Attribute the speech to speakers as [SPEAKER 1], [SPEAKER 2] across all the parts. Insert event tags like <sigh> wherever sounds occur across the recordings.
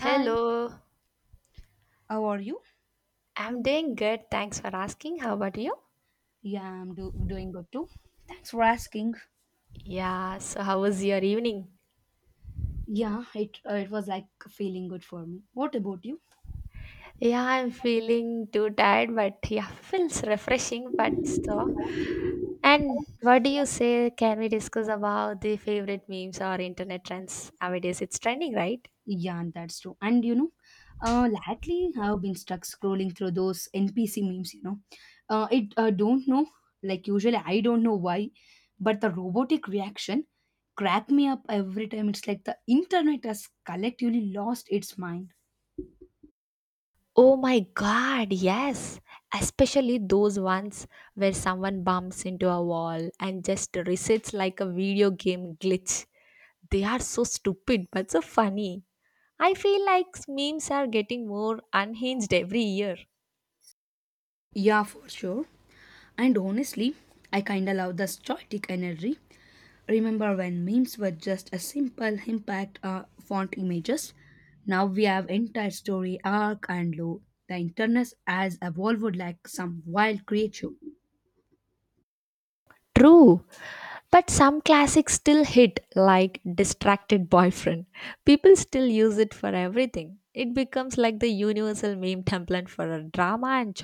[SPEAKER 1] And how are you?
[SPEAKER 2] I'm doing good. Thanks for asking. How about you?
[SPEAKER 1] Yeah, I'm doing good too. Thanks for asking.
[SPEAKER 2] Yeah, so how was your evening?
[SPEAKER 1] Yeah, it it was like feeling good for me. What about you?
[SPEAKER 2] Yeah, I'm feeling too tired, but yeah, <laughs> feels refreshing, but so. And what do you say? Can we discuss about the favorite memes or internet trends nowadays? It's trending, right?
[SPEAKER 1] Yeah, that's true. And you know, lately I've been stuck scrolling through those NPC memes. You know, it don't know. Like usually, I don't know why, but the robotic reaction crack me up every time. It's like the internet has collectively lost its mind.
[SPEAKER 2] Oh my god, yes. Especially those ones where someone bumps into a wall and just resets like a video game glitch. They are so stupid but so funny. I feel like memes are getting more unhinged every year.
[SPEAKER 1] Yeah, for sure. And honestly, I kinda love the static energy. Remember when memes were just a simple impact font images? Now we have entire story arc and lore. The internet has evolved like some wild creature.
[SPEAKER 2] True, but some classics still hit, like Distracted Boyfriend. People still use it for everything. It becomes like the universal meme template for drama. And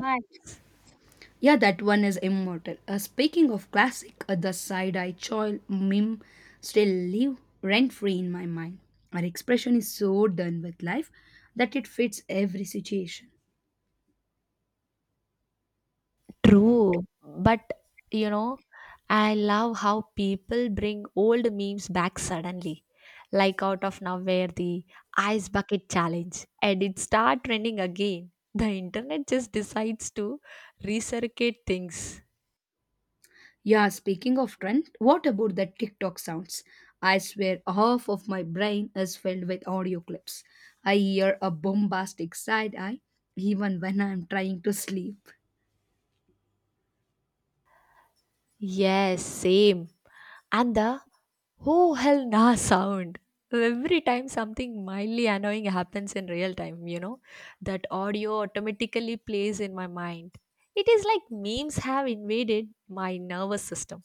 [SPEAKER 1] Yeah, that one is immortal. Speaking of classic, the side-eye choil meme still live rent-free in my mind. Our expression is so done with life that it fits every situation.
[SPEAKER 2] true, but you know, I love how people bring old memes back suddenly, like out of nowhere, the ice bucket challenge, and it start trending again. The internet just decides to recirculate things.
[SPEAKER 1] Yeah, speaking of trend, what about the TikTok sounds? I swear half of my brain is filled with audio clips. I hear a bombastic side eye even when I'm trying to sleep.
[SPEAKER 2] Yes, same. And the oh hell nah sound. Every time something mildly annoying happens in real time, you know, that audio automatically plays in my mind. It is like memes have invaded my nervous system.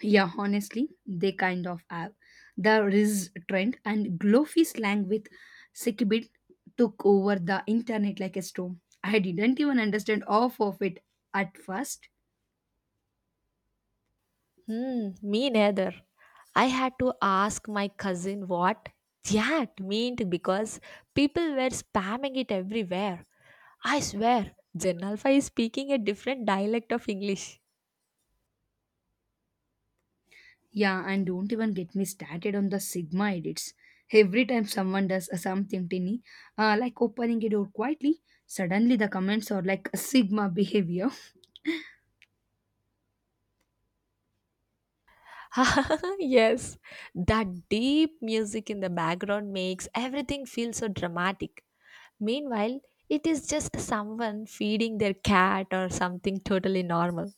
[SPEAKER 1] Yeah, honestly, they kind of have. The Riz trend and glowy slang with Sikibit took over the internet like a storm. I didn't even understand half of it at first.
[SPEAKER 2] Hmm, me neither. I had to ask my cousin what that meant because people were spamming it everywhere. I swear, Janalfa is speaking a different dialect of English.
[SPEAKER 1] Yeah, and don't even get me started on the Sigma edits. Every time someone does a something tiny, like opening a door quietly, suddenly the comments are like Sigma behavior.
[SPEAKER 2] <laughs> Yes, that deep music in the background makes everything feel so dramatic. Meanwhile, it is just someone feeding their cat or something totally normal.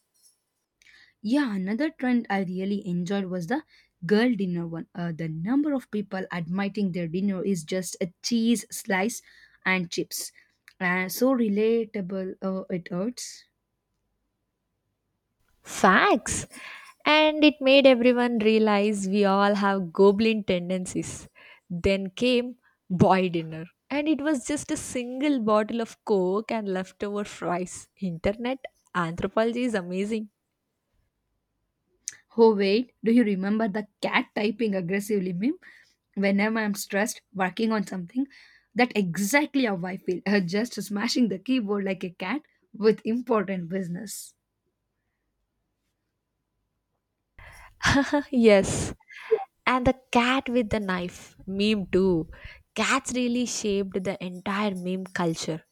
[SPEAKER 1] <laughs> Yeah, another trend I really enjoyed was the girl dinner one. The number of people admitting their dinner is just a cheese slice and chips. So relatable it hurts.
[SPEAKER 2] Facts! And it made everyone realize we all have goblin tendencies. Then came boy dinner. And it was just a single bottle of coke and leftover fries. Internet anthropology is amazing.
[SPEAKER 1] Oh wait, do you remember the cat typing aggressively meme? Whenever I'm stressed working on something, that exactly how I feel. <laughs> Just smashing the keyboard like a cat with important business.
[SPEAKER 2] <laughs> Yes, and the cat with the knife meme too. Cats really shaped the entire meme culture.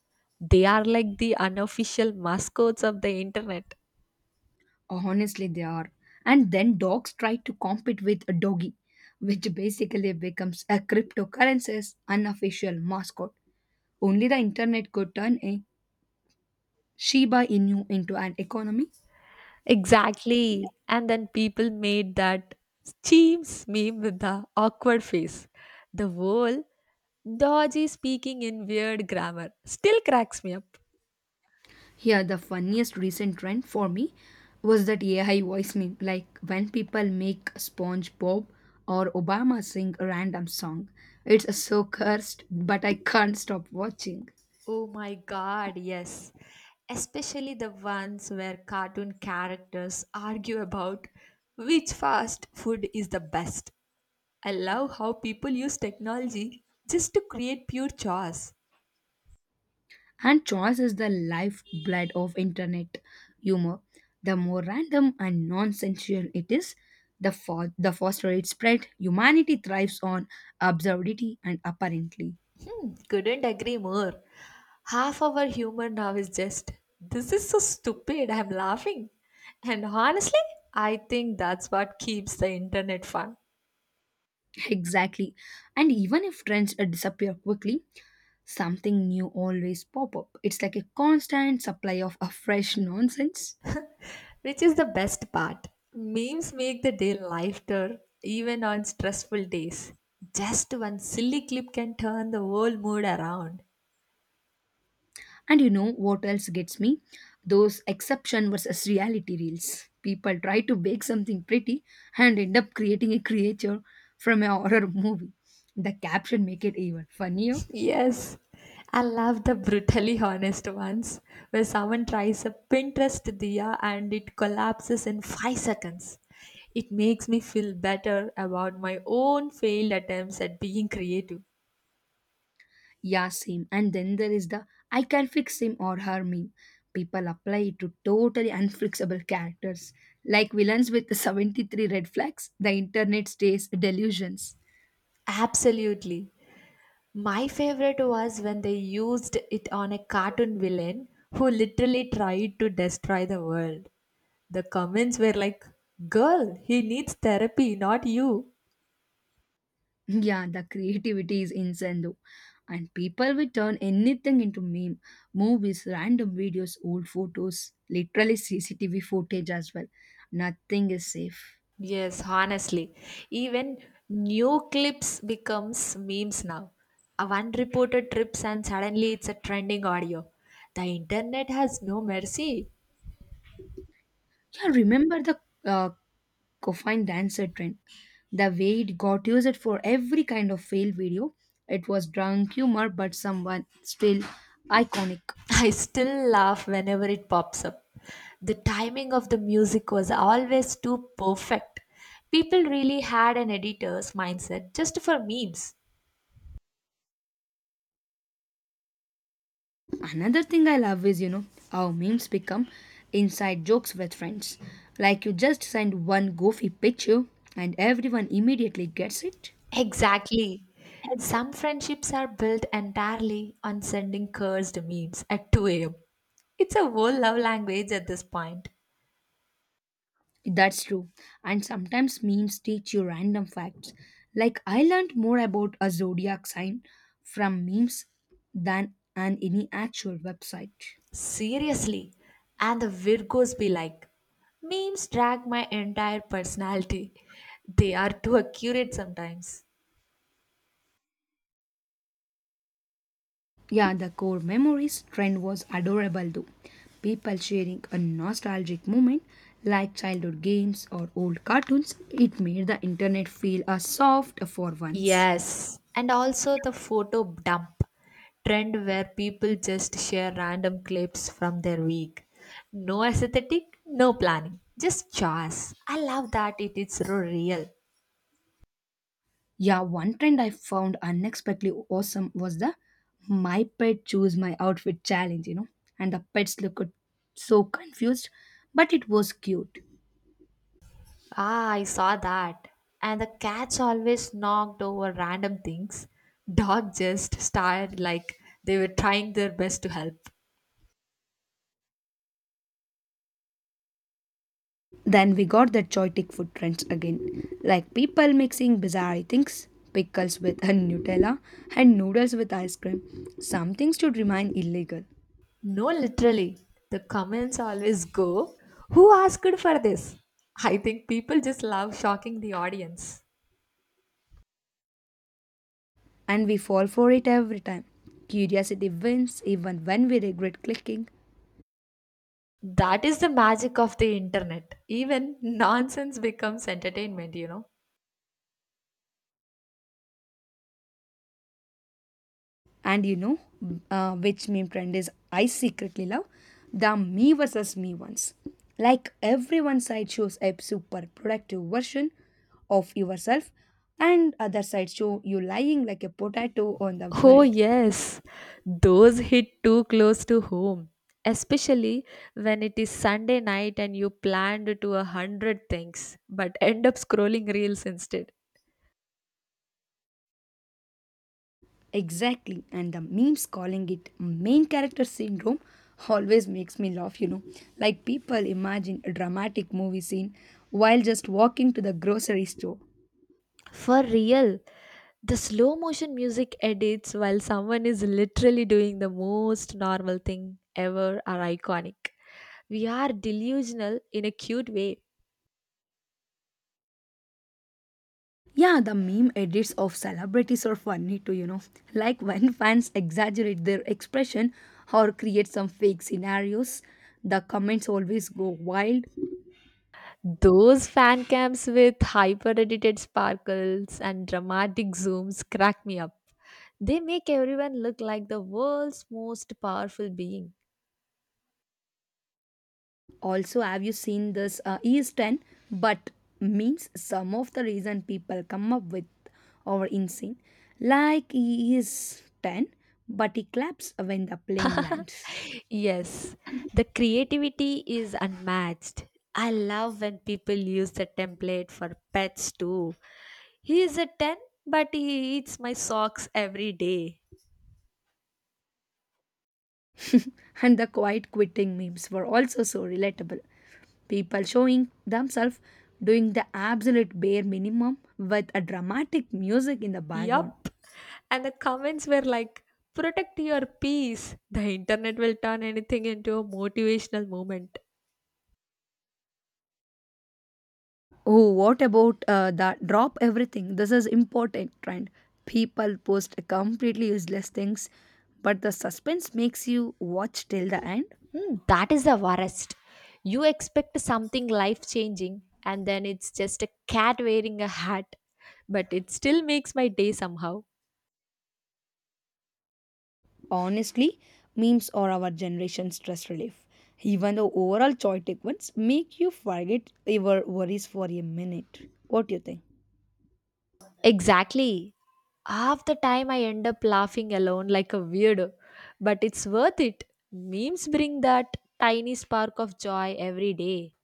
[SPEAKER 2] They are like the unofficial mascots of the internet.
[SPEAKER 1] Honestly, they are. And then dogs try to compete with a doggy, which basically becomes a cryptocurrency's unofficial mascot. Only the internet could turn a Shiba Inu into an economy.
[SPEAKER 2] Exactly. And then people made that Cheems meme with the awkward face. The whole dodgy speaking in weird grammar still cracks me up.
[SPEAKER 1] Yeah, the funniest recent trend for me was that AI voice meme. Like when people make SpongeBob or Obama sing a random song, it's so cursed, but I can't stop watching.
[SPEAKER 2] Oh my god, yes. Especially the ones where cartoon characters argue about which fast food is the best. I love how people use technology just to create pure chaos.
[SPEAKER 1] And choice is the lifeblood of internet humor. The more random and nonsensical it is, the faster it spread. Humanity thrives on absurdity and apparently. <laughs>
[SPEAKER 2] Hmm, couldn't agree more. Half our humor now is just, this is so stupid, I'm laughing. And honestly, I think that's what keeps the internet fun.
[SPEAKER 1] Exactly. And even if trends disappear quickly, something new always pop up. It's like a constant supply of a fresh nonsense.
[SPEAKER 2] Which is the best part? Memes make the day lighter even on stressful days. Just one silly clip can turn the whole mood around.
[SPEAKER 1] And you know what else gets me, those exception versus reality reels. People try to bake something pretty and end up creating a creature from a horror movie. The caption make it even funnier.
[SPEAKER 2] Yes, I love the brutally honest ones where someone tries a Pinterest diya and it collapses in 5 seconds. It makes me feel better about my own failed attempts at being creative.
[SPEAKER 1] Yeah, same. And then there is the I can fix him or her meme. People apply it to totally unfixable characters like villains with 73 red flags. The internet stays delusions.
[SPEAKER 2] Absolutely. My favorite was when they used it on a cartoon villain who literally tried to destroy the world. The comments were like, Girl, he needs therapy, not you.
[SPEAKER 1] Yeah, the creativity is insane though. And people will turn anything into meme, movies, random videos, old photos, literally CCTV footage as well. Nothing is safe.
[SPEAKER 2] Yes, honestly. Even new clips becomes memes now. A one reported trips and suddenly it's a trending audio. The internet has no mercy.
[SPEAKER 1] Yeah, remember the uh, coffin dancer trend? The way it got used for every kind of fail video. It was drunk humor, but someone still iconic.
[SPEAKER 2] I still laugh whenever it pops up. The timing of the music was always too perfect. People really had an editor's mindset just for memes.
[SPEAKER 1] Another thing I love is, you know, how memes become inside jokes with friends. Like you just send one goofy picture and everyone immediately gets it.
[SPEAKER 2] Exactly. Some friendships are built entirely on sending cursed memes at 2 am. It's a whole love language at this point.
[SPEAKER 1] That's true. And sometimes memes teach you random facts. Like I learned more about a zodiac sign from memes than on any actual website.
[SPEAKER 2] Seriously. And the Virgos be like, memes drag my entire personality. They are too accurate sometimes.
[SPEAKER 1] Yeah, the core memories trend was adorable though. People sharing a nostalgic moment like childhood games or old cartoons, it made the internet feel a soft for once.
[SPEAKER 2] Yes, and also the photo dump trend where people just share random clips from their week. No aesthetic, no planning, just choice. I love that it is so real.
[SPEAKER 1] Yeah, one trend I found unexpectedly awesome was the my pet choose my outfit challenge, you know, and the pets looked so confused, but it was cute.
[SPEAKER 2] Ah, I saw that. And the cats always knocked over random things. Dog just stared like they were trying their best to help.
[SPEAKER 1] Then we got the choitic food trends again, like people mixing bizarre things, pickles with a Nutella and noodles with ice cream. Some things should remain illegal,
[SPEAKER 2] No, literally. The comments always go, Who asked for this? I think people just love shocking the audience.
[SPEAKER 1] and we fall for it every time. Curiosity wins even when we regret clicking.
[SPEAKER 2] That is the magic of the internet. Even nonsense becomes entertainment, you know.
[SPEAKER 1] And you know which meme trend is I secretly love? The me versus me ones. Like everyone side shows a super productive version of yourself, and other side show you lying like a potato on the
[SPEAKER 2] Oh,
[SPEAKER 1] bed.
[SPEAKER 2] yes, those hit too close to home, especially when it is Sunday night and you planned to 100 things but end up scrolling reels instead.
[SPEAKER 1] Exactly, and the memes calling it main character syndrome always makes me laugh, you know. Like people imagine a dramatic movie scene while just walking to the grocery store.
[SPEAKER 2] For real, the slow motion music edits while someone is literally doing the most normal thing ever are iconic. We are delusional in a cute way.
[SPEAKER 1] Yeah, the meme edits of celebrities are funny too, you know. Like when fans exaggerate their expression or create some fake scenarios, the comments always go wild.
[SPEAKER 2] Those fan cams with hyper edited sparkles and dramatic zooms crack me up. They make everyone look like the world's most powerful being.
[SPEAKER 1] Also, have you seen this is 10? But means some of the reason people come up with are insane. Like he is 10, but he claps when the plane lands.
[SPEAKER 2] <laughs> Yes, the creativity is unmatched. I love when people use the template for pets too. He is a 10, but he eats my socks every day.
[SPEAKER 1] And the quiet quitting memes were also so relatable. People showing themselves doing the absolute bare minimum with a dramatic music in the background.
[SPEAKER 2] Yup. And the comments were like, protect your peace. The internet will turn anything into a motivational moment.
[SPEAKER 1] Oh, what about the drop everything? This is important trend. People post completely useless things, but the suspense makes you watch till the end.
[SPEAKER 2] Hmm, that is the worst. You expect something life changing, and then it's just a cat wearing a hat, but it still makes my day somehow.
[SPEAKER 1] Honestly, memes are our generation's stress relief. Even the overall chaotic ones make you forget your worries for a minute. What do you think?
[SPEAKER 2] Exactly. Half the time I end up laughing alone like a weirdo, but it's worth it. Memes bring that tiny spark of joy every day.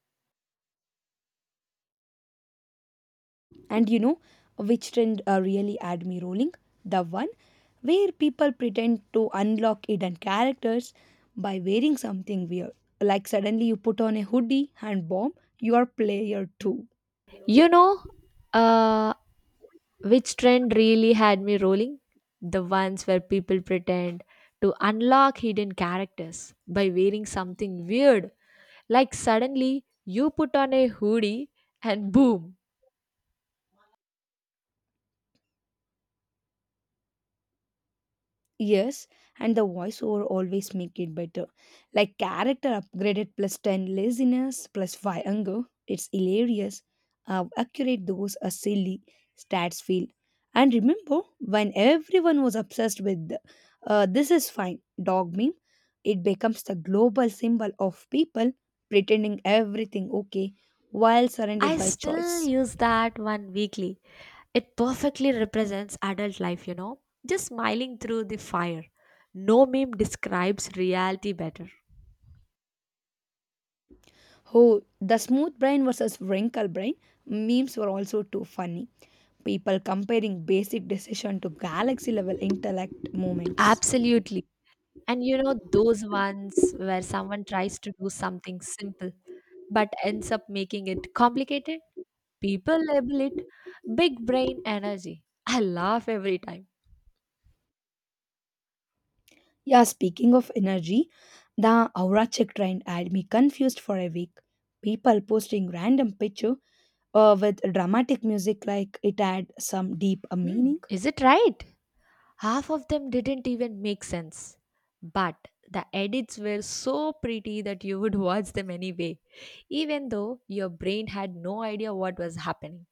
[SPEAKER 1] And you know which trend really had me rolling? The one where people pretend to unlock hidden characters by wearing something weird. Like suddenly you put on a hoodie and bomb, you are player 2.
[SPEAKER 2] You know, uh, which trend really had me rolling? The ones where people pretend to unlock hidden characters by wearing something weird. Like suddenly you put on a hoodie and boom,
[SPEAKER 1] Yes, and the voiceover always make it better. Like character upgraded plus 10 laziness plus 5 anger. It's hilarious how accurate those are silly stats feel. And remember when everyone was obsessed with the, this is fine dog meme, it becomes the global symbol of people pretending everything okay while
[SPEAKER 2] I
[SPEAKER 1] surrounded by
[SPEAKER 2] still
[SPEAKER 1] choice.
[SPEAKER 2] use that one weekly. It perfectly represents adult life, you know, just smiling through the fire. No meme describes reality better.
[SPEAKER 1] Oh, the smooth brain versus wrinkle brain memes were also too funny. People comparing basic decision to galaxy level intellect moments.
[SPEAKER 2] Absolutely. And you know, those ones where someone tries to do something simple but ends up making it complicated, people label it big brain energy. I laugh every time.
[SPEAKER 1] Yeah, speaking of energy, the aura check trend had me confused for a week. People posting random picture with dramatic music like it had some deep
[SPEAKER 2] Hmm,
[SPEAKER 1] meaning.
[SPEAKER 2] is it right? Half of them didn't even make sense. But the edits were so pretty that you would <laughs> watch them anyway, even though your brain had no idea what was happening.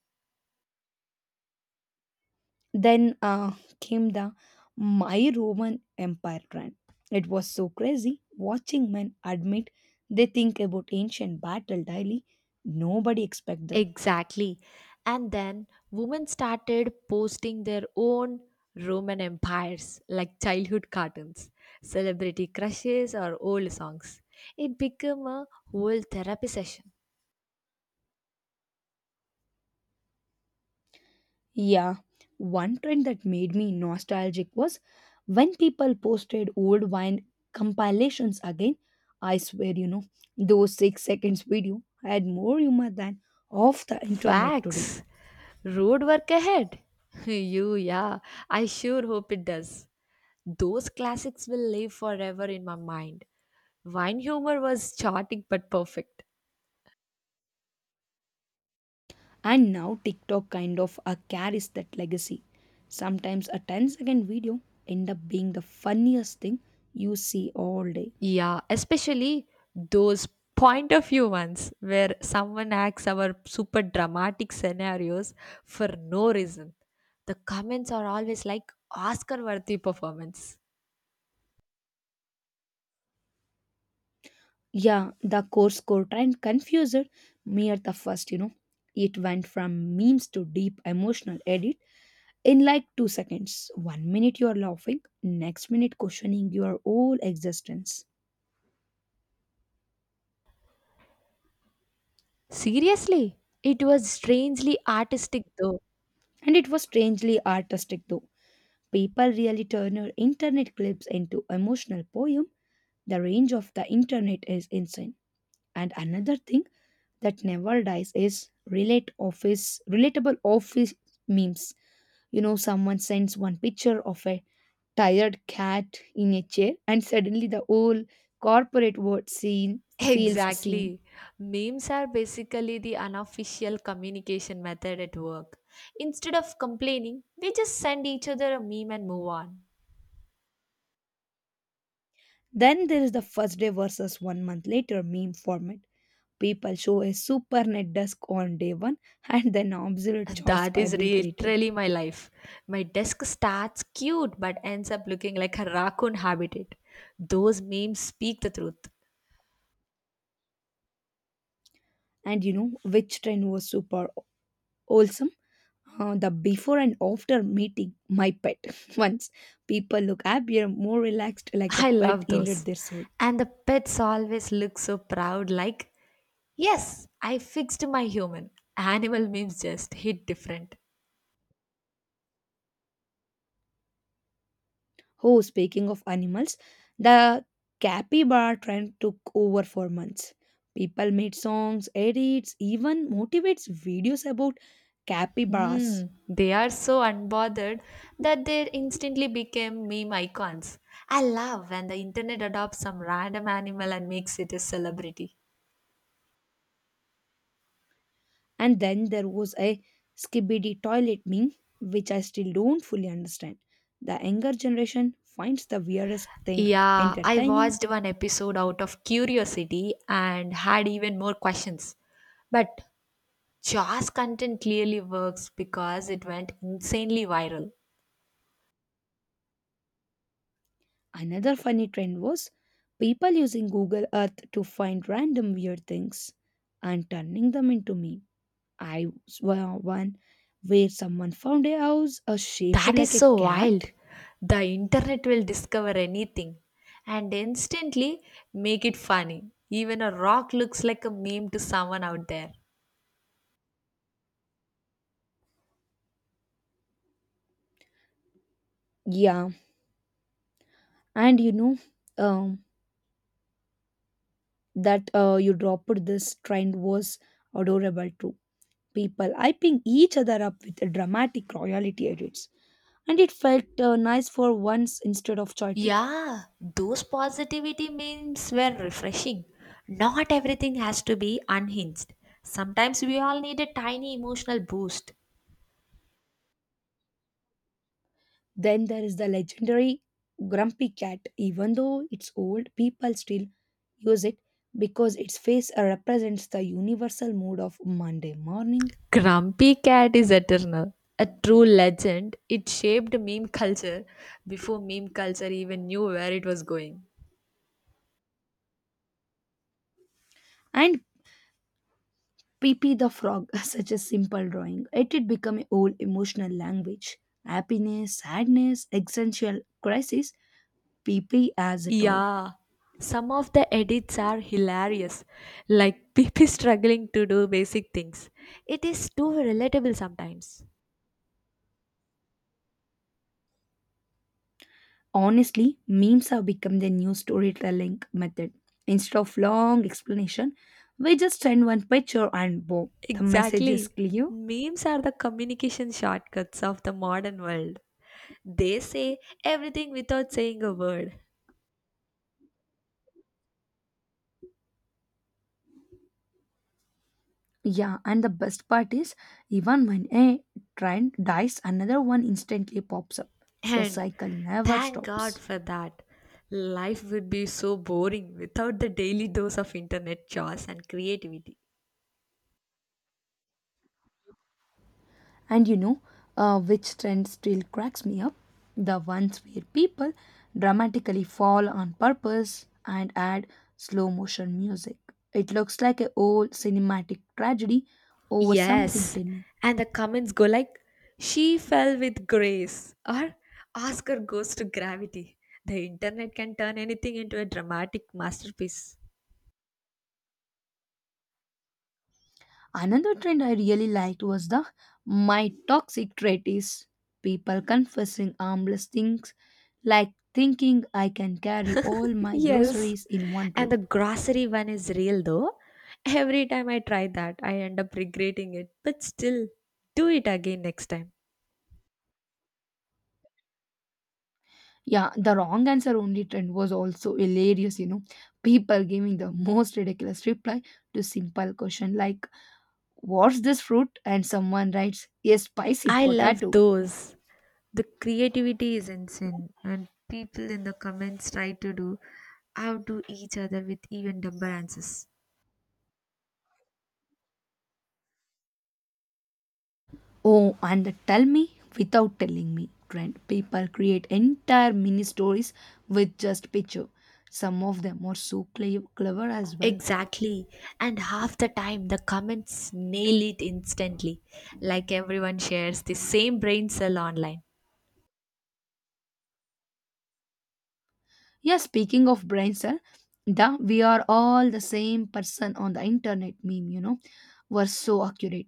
[SPEAKER 1] Then came the My Roman Empire trend. It was so crazy watching men admit they think about ancient battle daily. Nobody expected.
[SPEAKER 2] Exactly. And then women started posting their own Roman empires like childhood cartoons, celebrity crushes, or old songs. It became a whole therapy session.
[SPEAKER 1] Yeah, one trend that made me nostalgic was when people posted old wine compilations again. I swear, you know, those 6 seconds video had more humor than off the internet today.
[SPEAKER 2] Facts. Road work ahead. <laughs> You, yeah. I sure hope it does. Those classics will live forever in my mind. Wine humor was chaotic but perfect.
[SPEAKER 1] And now TikTok kind of carries that legacy. Sometimes a ten-second video end up being the funniest thing you see all day.
[SPEAKER 2] Yeah, especially those point of view ones where someone acts our super dramatic scenarios for no reason. The comments are always like Oscar worthy performance.
[SPEAKER 1] Yeah, the course core trend confused me at the first, you know. It went from memes to deep emotional edit in like 2 seconds. One minute you are laughing, next minute questioning your whole existence.
[SPEAKER 2] Seriously, it was strangely artistic though.
[SPEAKER 1] And it was strangely artistic though. People really turned internet clips into emotional poem. The range of the internet is insane. And another thing that never dies is relate office relatable office memes. You know, someone sends one picture of a tired cat in a chair and suddenly the whole corporate world scene feels seen.
[SPEAKER 2] Exactly. Memes are basically the unofficial communication method at work. Instead of complaining, we just send each other a meme and move on.
[SPEAKER 1] Then there is the first day versus one month later meme format. People show a super net desk on day one and then absolute choice
[SPEAKER 2] That
[SPEAKER 1] a
[SPEAKER 2] is
[SPEAKER 1] week later.
[SPEAKER 2] literally my life. My desk starts cute but ends up looking like a raccoon habitat. Those memes speak the truth.
[SPEAKER 1] And you know which trend was super wholesome? The before and after meeting my pet. <laughs> Once people look happier, more relaxed,
[SPEAKER 2] <laughs>
[SPEAKER 1] like the
[SPEAKER 2] I
[SPEAKER 1] pet
[SPEAKER 2] love
[SPEAKER 1] healed
[SPEAKER 2] those.
[SPEAKER 1] their soul.
[SPEAKER 2] And the pets always look so proud, like, yes, I fixed my human. Animal memes just hit different.
[SPEAKER 1] Oh, speaking of animals, the capybara trend took over for months. People made songs, edits, even motivates videos about capybaras.
[SPEAKER 2] Hmm, they are so unbothered that they instantly became meme icons. I love when the internet adopts some random animal and makes it a celebrity.
[SPEAKER 1] And then there was a skibidi toilet meme, which I still don't fully understand. The younger generation finds the weirdest thing
[SPEAKER 2] Yeah, I
[SPEAKER 1] entertaining.
[SPEAKER 2] watched one episode out of curiosity and had even more questions. But Jaws content clearly works because it went insanely viral.
[SPEAKER 1] Another funny trend was people using Google Earth to find random weird things and turning them into meme. I saw one where someone found a house shaped
[SPEAKER 2] That is
[SPEAKER 1] like a
[SPEAKER 2] so wild.
[SPEAKER 1] cat.
[SPEAKER 2] The internet will discover anything and instantly make it funny. Even a rock looks like a meme to someone out there.
[SPEAKER 1] Yeah, and you know um, that you dropped this trend was adorable too. People hyping each other up with dramatic royalty edits, and it felt nice for once instead of chaotic.
[SPEAKER 2] Yeah, those positivity memes were refreshing. Not everything has to be unhinged. Sometimes we all need a tiny emotional boost.
[SPEAKER 1] Then there is the legendary Grumpy Cat. Even though it's old, people still use it because its face represents the universal mood of Monday morning.
[SPEAKER 2] Grumpy Cat is eternal. A true legend, it shaped meme culture before meme culture even knew where it was going.
[SPEAKER 1] And Pippi the Frog, <laughs> such a simple drawing, it did become a whole emotional language. Happiness, sadness, existential crisis, Pippi has it all.
[SPEAKER 2] Yeah, some of the edits are hilarious, like people <laughs> struggling to do basic things. It is too relatable sometimes.
[SPEAKER 1] Honestly, memes have become the new storytelling method. Instead of long explanation, we just send one picture and boom, the message is
[SPEAKER 2] Exactly.
[SPEAKER 1] clear.
[SPEAKER 2] Memes are the communication shortcuts of the modern world. They say everything without saying a word.
[SPEAKER 1] Yeah, and the best part is, even when a trend dies, another one instantly pops up. The
[SPEAKER 2] And
[SPEAKER 1] cycle never
[SPEAKER 2] thank God
[SPEAKER 1] stops.
[SPEAKER 2] for that. Life would be so boring without the daily dose of internet chores and creativity.
[SPEAKER 1] And you know, which trend still cracks me up? The ones where people dramatically fall on purpose and add slow motion music. It looks like a old cinematic tragedy over something
[SPEAKER 2] Yes.
[SPEAKER 1] tiny.
[SPEAKER 2] And the comments go like, she fell with grace, or Oscar goes to gravity. The internet can turn anything into a dramatic masterpiece.
[SPEAKER 1] Another trend I really liked was the my toxic trait is people confessing harmless things like thinking I can carry all my
[SPEAKER 2] Yes.
[SPEAKER 1] groceries in one
[SPEAKER 2] And
[SPEAKER 1] trip.
[SPEAKER 2] the grocery one is real though. Every time I try that, I end up regretting it. But still, do it again next time.
[SPEAKER 1] Yeah, the wrong answer only trend was also hilarious, People giving the most ridiculous reply to simple question like what's this fruit and someone writes a spicy
[SPEAKER 2] I love
[SPEAKER 1] potato.
[SPEAKER 2] those. The creativity is insane, and people in the comments try to do outdo each other with even dumber answers.
[SPEAKER 1] Oh, and tell me without telling me trend. People create entire mini stories with just picture. Some of them are so clever as well.
[SPEAKER 2] Exactly. And half the time, the comments nail it instantly. Like everyone shares the same brain cell online.
[SPEAKER 1] Yeah, speaking of brain cell, the we are all the same person on the internet meme, were so accurate.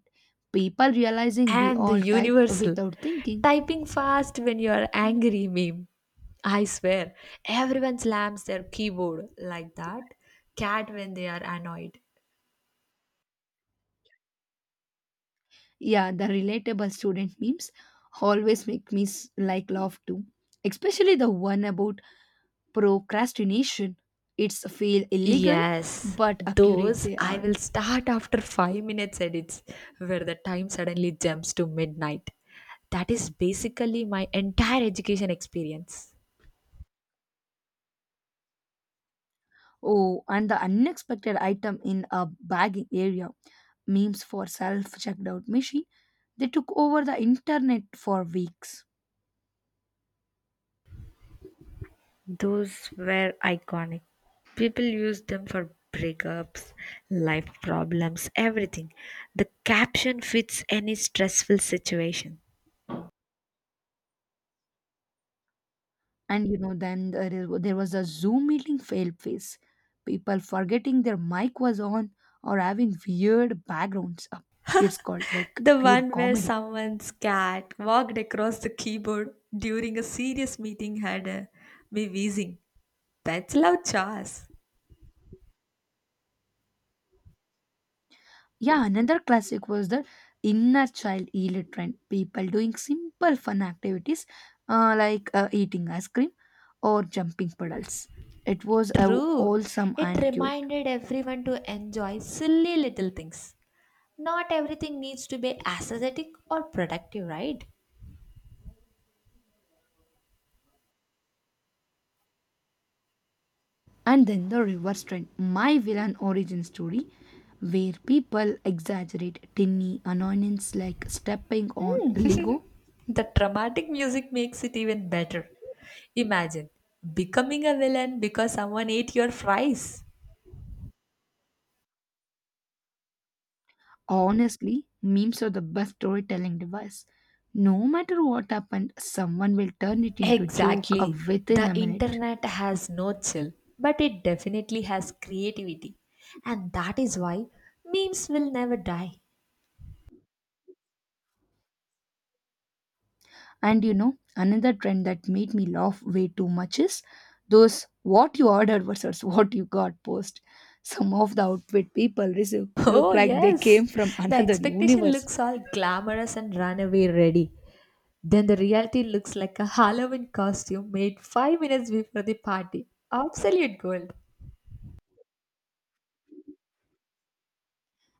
[SPEAKER 1] People realizing we
[SPEAKER 2] And the
[SPEAKER 1] all type
[SPEAKER 2] universal
[SPEAKER 1] without thinking.
[SPEAKER 2] typing fast when you are angry meme. I swear, everyone slams their keyboard like that. Cat when they are annoyed.
[SPEAKER 1] Yeah, the relatable student memes always make me like laugh too. Especially the one about procrastination. It's feel illegal
[SPEAKER 2] Yes,
[SPEAKER 1] but accurate
[SPEAKER 2] those
[SPEAKER 1] they
[SPEAKER 2] I
[SPEAKER 1] are.
[SPEAKER 2] will start after 5 minutes edits where the time suddenly jumps to midnight. That is basically my entire education experience.
[SPEAKER 1] Oh, and the unexpected item in a bagging area. Memes for self checkout out machine. They took over the internet for weeks.
[SPEAKER 2] Those were iconic. People used them for breakups, life problems, everything. The caption fits any stressful situation.
[SPEAKER 1] And you know, there was a Zoom meeting fail phase. People forgetting their mic was on or having weird backgrounds. It's called like
[SPEAKER 2] The
[SPEAKER 1] pure
[SPEAKER 2] one where
[SPEAKER 1] comedy.
[SPEAKER 2] someone's cat walked across the keyboard during a serious meeting had me wheezing. Pets love chores.
[SPEAKER 1] Yeah, another classic was the inner child healer trend. People doing simple fun activities like eating ice cream or jumping puddles. It was
[SPEAKER 2] True.
[SPEAKER 1] wholesome
[SPEAKER 2] It
[SPEAKER 1] and cute.
[SPEAKER 2] reminded everyone to enjoy silly little things. Not everything needs to be aesthetic or productive, right?
[SPEAKER 1] And then the reverse trend, my villain origin story, where people exaggerate tiny annoyances like stepping on Lego.
[SPEAKER 2] The dramatic music makes it even better. Imagine becoming a villain because someone ate your fries.
[SPEAKER 1] Honestly, memes are the best storytelling device. No matter what happened, someone will turn it into joke
[SPEAKER 2] Exactly.
[SPEAKER 1] within
[SPEAKER 2] The
[SPEAKER 1] a minute.
[SPEAKER 2] internet has no chill, but it definitely has creativity. And that is why memes will never die.
[SPEAKER 1] And you know, another trend that made me laugh way too much is those what you ordered versus <laughs> what you got post. Some of the outfit people receive
[SPEAKER 2] <laughs>
[SPEAKER 1] look
[SPEAKER 2] Oh,
[SPEAKER 1] like they
[SPEAKER 2] yes.
[SPEAKER 1] came from <laughs>
[SPEAKER 2] The
[SPEAKER 1] another
[SPEAKER 2] expectation
[SPEAKER 1] universe.
[SPEAKER 2] looks all glamorous and runaway ready. Then the reality looks like a Halloween costume made 5 minutes before the party. Absolute gold.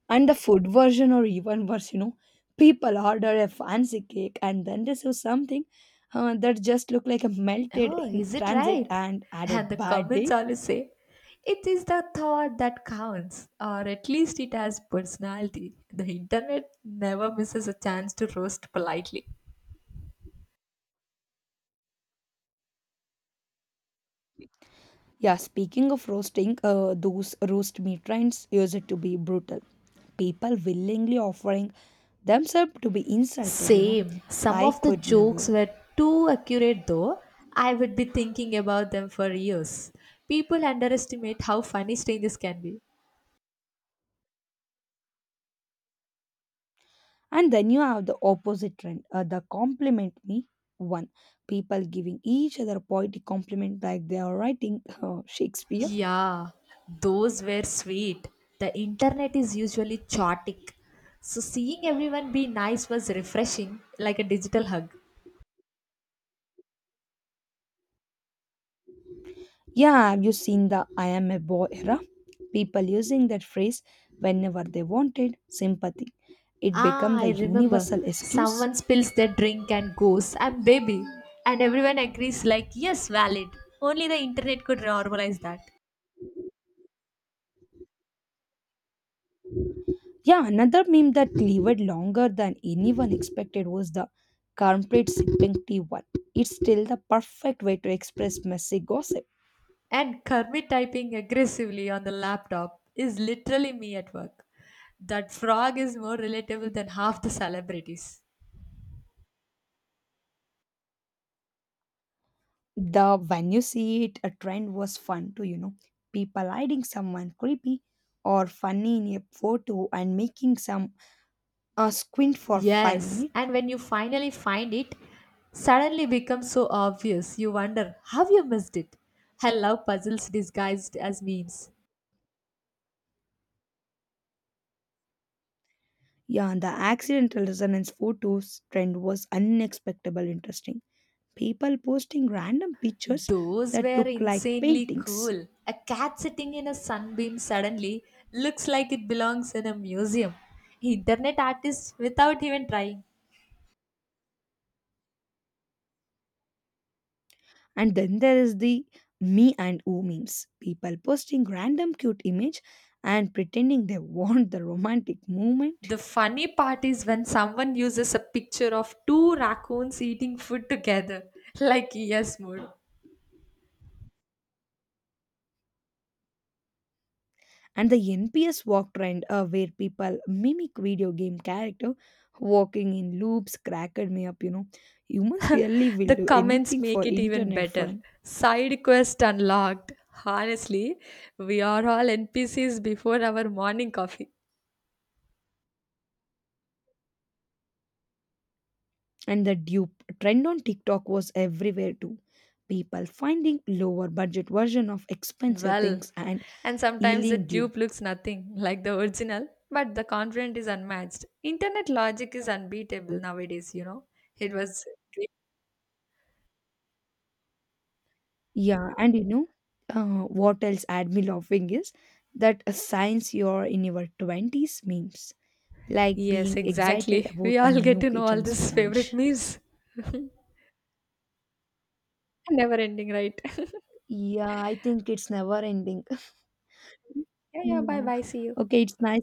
[SPEAKER 1] And the food version, or even worse, you know, people order a fancy cake and then receive something that just looked like a melted
[SPEAKER 2] Oh,
[SPEAKER 1] in
[SPEAKER 2] is it
[SPEAKER 1] transit
[SPEAKER 2] right?
[SPEAKER 1] and had a
[SPEAKER 2] And the
[SPEAKER 1] bad
[SPEAKER 2] comments
[SPEAKER 1] day.
[SPEAKER 2] always say, it is the thought that counts, or at least it has personality. The internet never misses a chance to roast politely.
[SPEAKER 1] Yeah, speaking of roasting, those roast meat trends used to be brutal. People willingly offering themselves to be insulted, you know.
[SPEAKER 2] Same. Some
[SPEAKER 1] I
[SPEAKER 2] of the
[SPEAKER 1] could
[SPEAKER 2] jokes
[SPEAKER 1] never.
[SPEAKER 2] were too accurate though. I would be thinking about them for years. People underestimate how funny strangers can be.
[SPEAKER 1] And then you have the opposite trend, the compliment me one. People giving each other poetic compliment like they are writing Shakespeare.
[SPEAKER 2] Yeah, those were sweet. The internet is usually chaotic. So seeing everyone be nice was refreshing, like a digital hug.
[SPEAKER 1] Yeah, have you seen the I am a boy era? People using that phrase whenever they wanted sympathy. It
[SPEAKER 2] Ah,
[SPEAKER 1] became
[SPEAKER 2] I
[SPEAKER 1] the
[SPEAKER 2] remember.
[SPEAKER 1] universal excuse.
[SPEAKER 2] Someone spills their drink and goes, I'm baby. And everyone agrees, like, yes, valid. Only the internet could normalize that.
[SPEAKER 1] Yeah, another meme that lived longer than anyone expected was the corporate sipping tea one. It's still the perfect way to express messy gossip.
[SPEAKER 2] And Kermit typing aggressively on the laptop is literally me at work. That frog is more relatable than half the celebrities.
[SPEAKER 1] The when you see it, a trend was fun to you know people hiding someone creepy or funny in a photo and making some a squint for five
[SPEAKER 2] Yes,
[SPEAKER 1] minutes.
[SPEAKER 2] and when you finally find it, suddenly becomes so obvious. You wonder how you missed it. I love puzzles disguised as memes.
[SPEAKER 1] Yeah, and the accidental resonance photos trend was unexpectedly interesting. People posting random pictures
[SPEAKER 2] Those
[SPEAKER 1] that
[SPEAKER 2] were
[SPEAKER 1] look like
[SPEAKER 2] insanely
[SPEAKER 1] paintings.
[SPEAKER 2] cool. A cat sitting in a sunbeam suddenly looks like it belongs in a museum. Internet artists without even trying.
[SPEAKER 1] And then there is the me and oo memes. People posting random cute image and pretending they <laughs> want the romantic moment.
[SPEAKER 2] The funny part is when someone uses a picture of two raccoons eating food together, <laughs> like yes mood.
[SPEAKER 1] And the NPS walk trend where people mimic video game character walking in loops cracked me up, you know. Humans really
[SPEAKER 2] The
[SPEAKER 1] will do
[SPEAKER 2] comments
[SPEAKER 1] anything
[SPEAKER 2] make
[SPEAKER 1] for
[SPEAKER 2] it even
[SPEAKER 1] internet
[SPEAKER 2] better.
[SPEAKER 1] fun.
[SPEAKER 2] Side quest unlocked. Honestly, we are all NPCs before our morning coffee.
[SPEAKER 1] And the dupe trend on TikTok was everywhere too. People finding lower budget version of expensive
[SPEAKER 2] Well,
[SPEAKER 1] things and
[SPEAKER 2] and sometimes the
[SPEAKER 1] healing dupe.
[SPEAKER 2] dupe looks nothing like the original, but the content is unmatched. Internet logic is unbeatable nowadays, you know. It was
[SPEAKER 1] Yeah, and you know what else had me <laughs> laughing is that a science you're in your 20s memes like
[SPEAKER 2] Yes,
[SPEAKER 1] being excited
[SPEAKER 2] exactly. We
[SPEAKER 1] about a
[SPEAKER 2] all get
[SPEAKER 1] new
[SPEAKER 2] to know all
[SPEAKER 1] kitchen
[SPEAKER 2] these favorite
[SPEAKER 1] sponge.
[SPEAKER 2] memes. Never ending, right? <laughs>
[SPEAKER 1] Yeah, I think it's never ending. <laughs>
[SPEAKER 2] Yeah, yeah, bye
[SPEAKER 1] Yeah.
[SPEAKER 2] bye. See you.
[SPEAKER 1] Okay, it's nice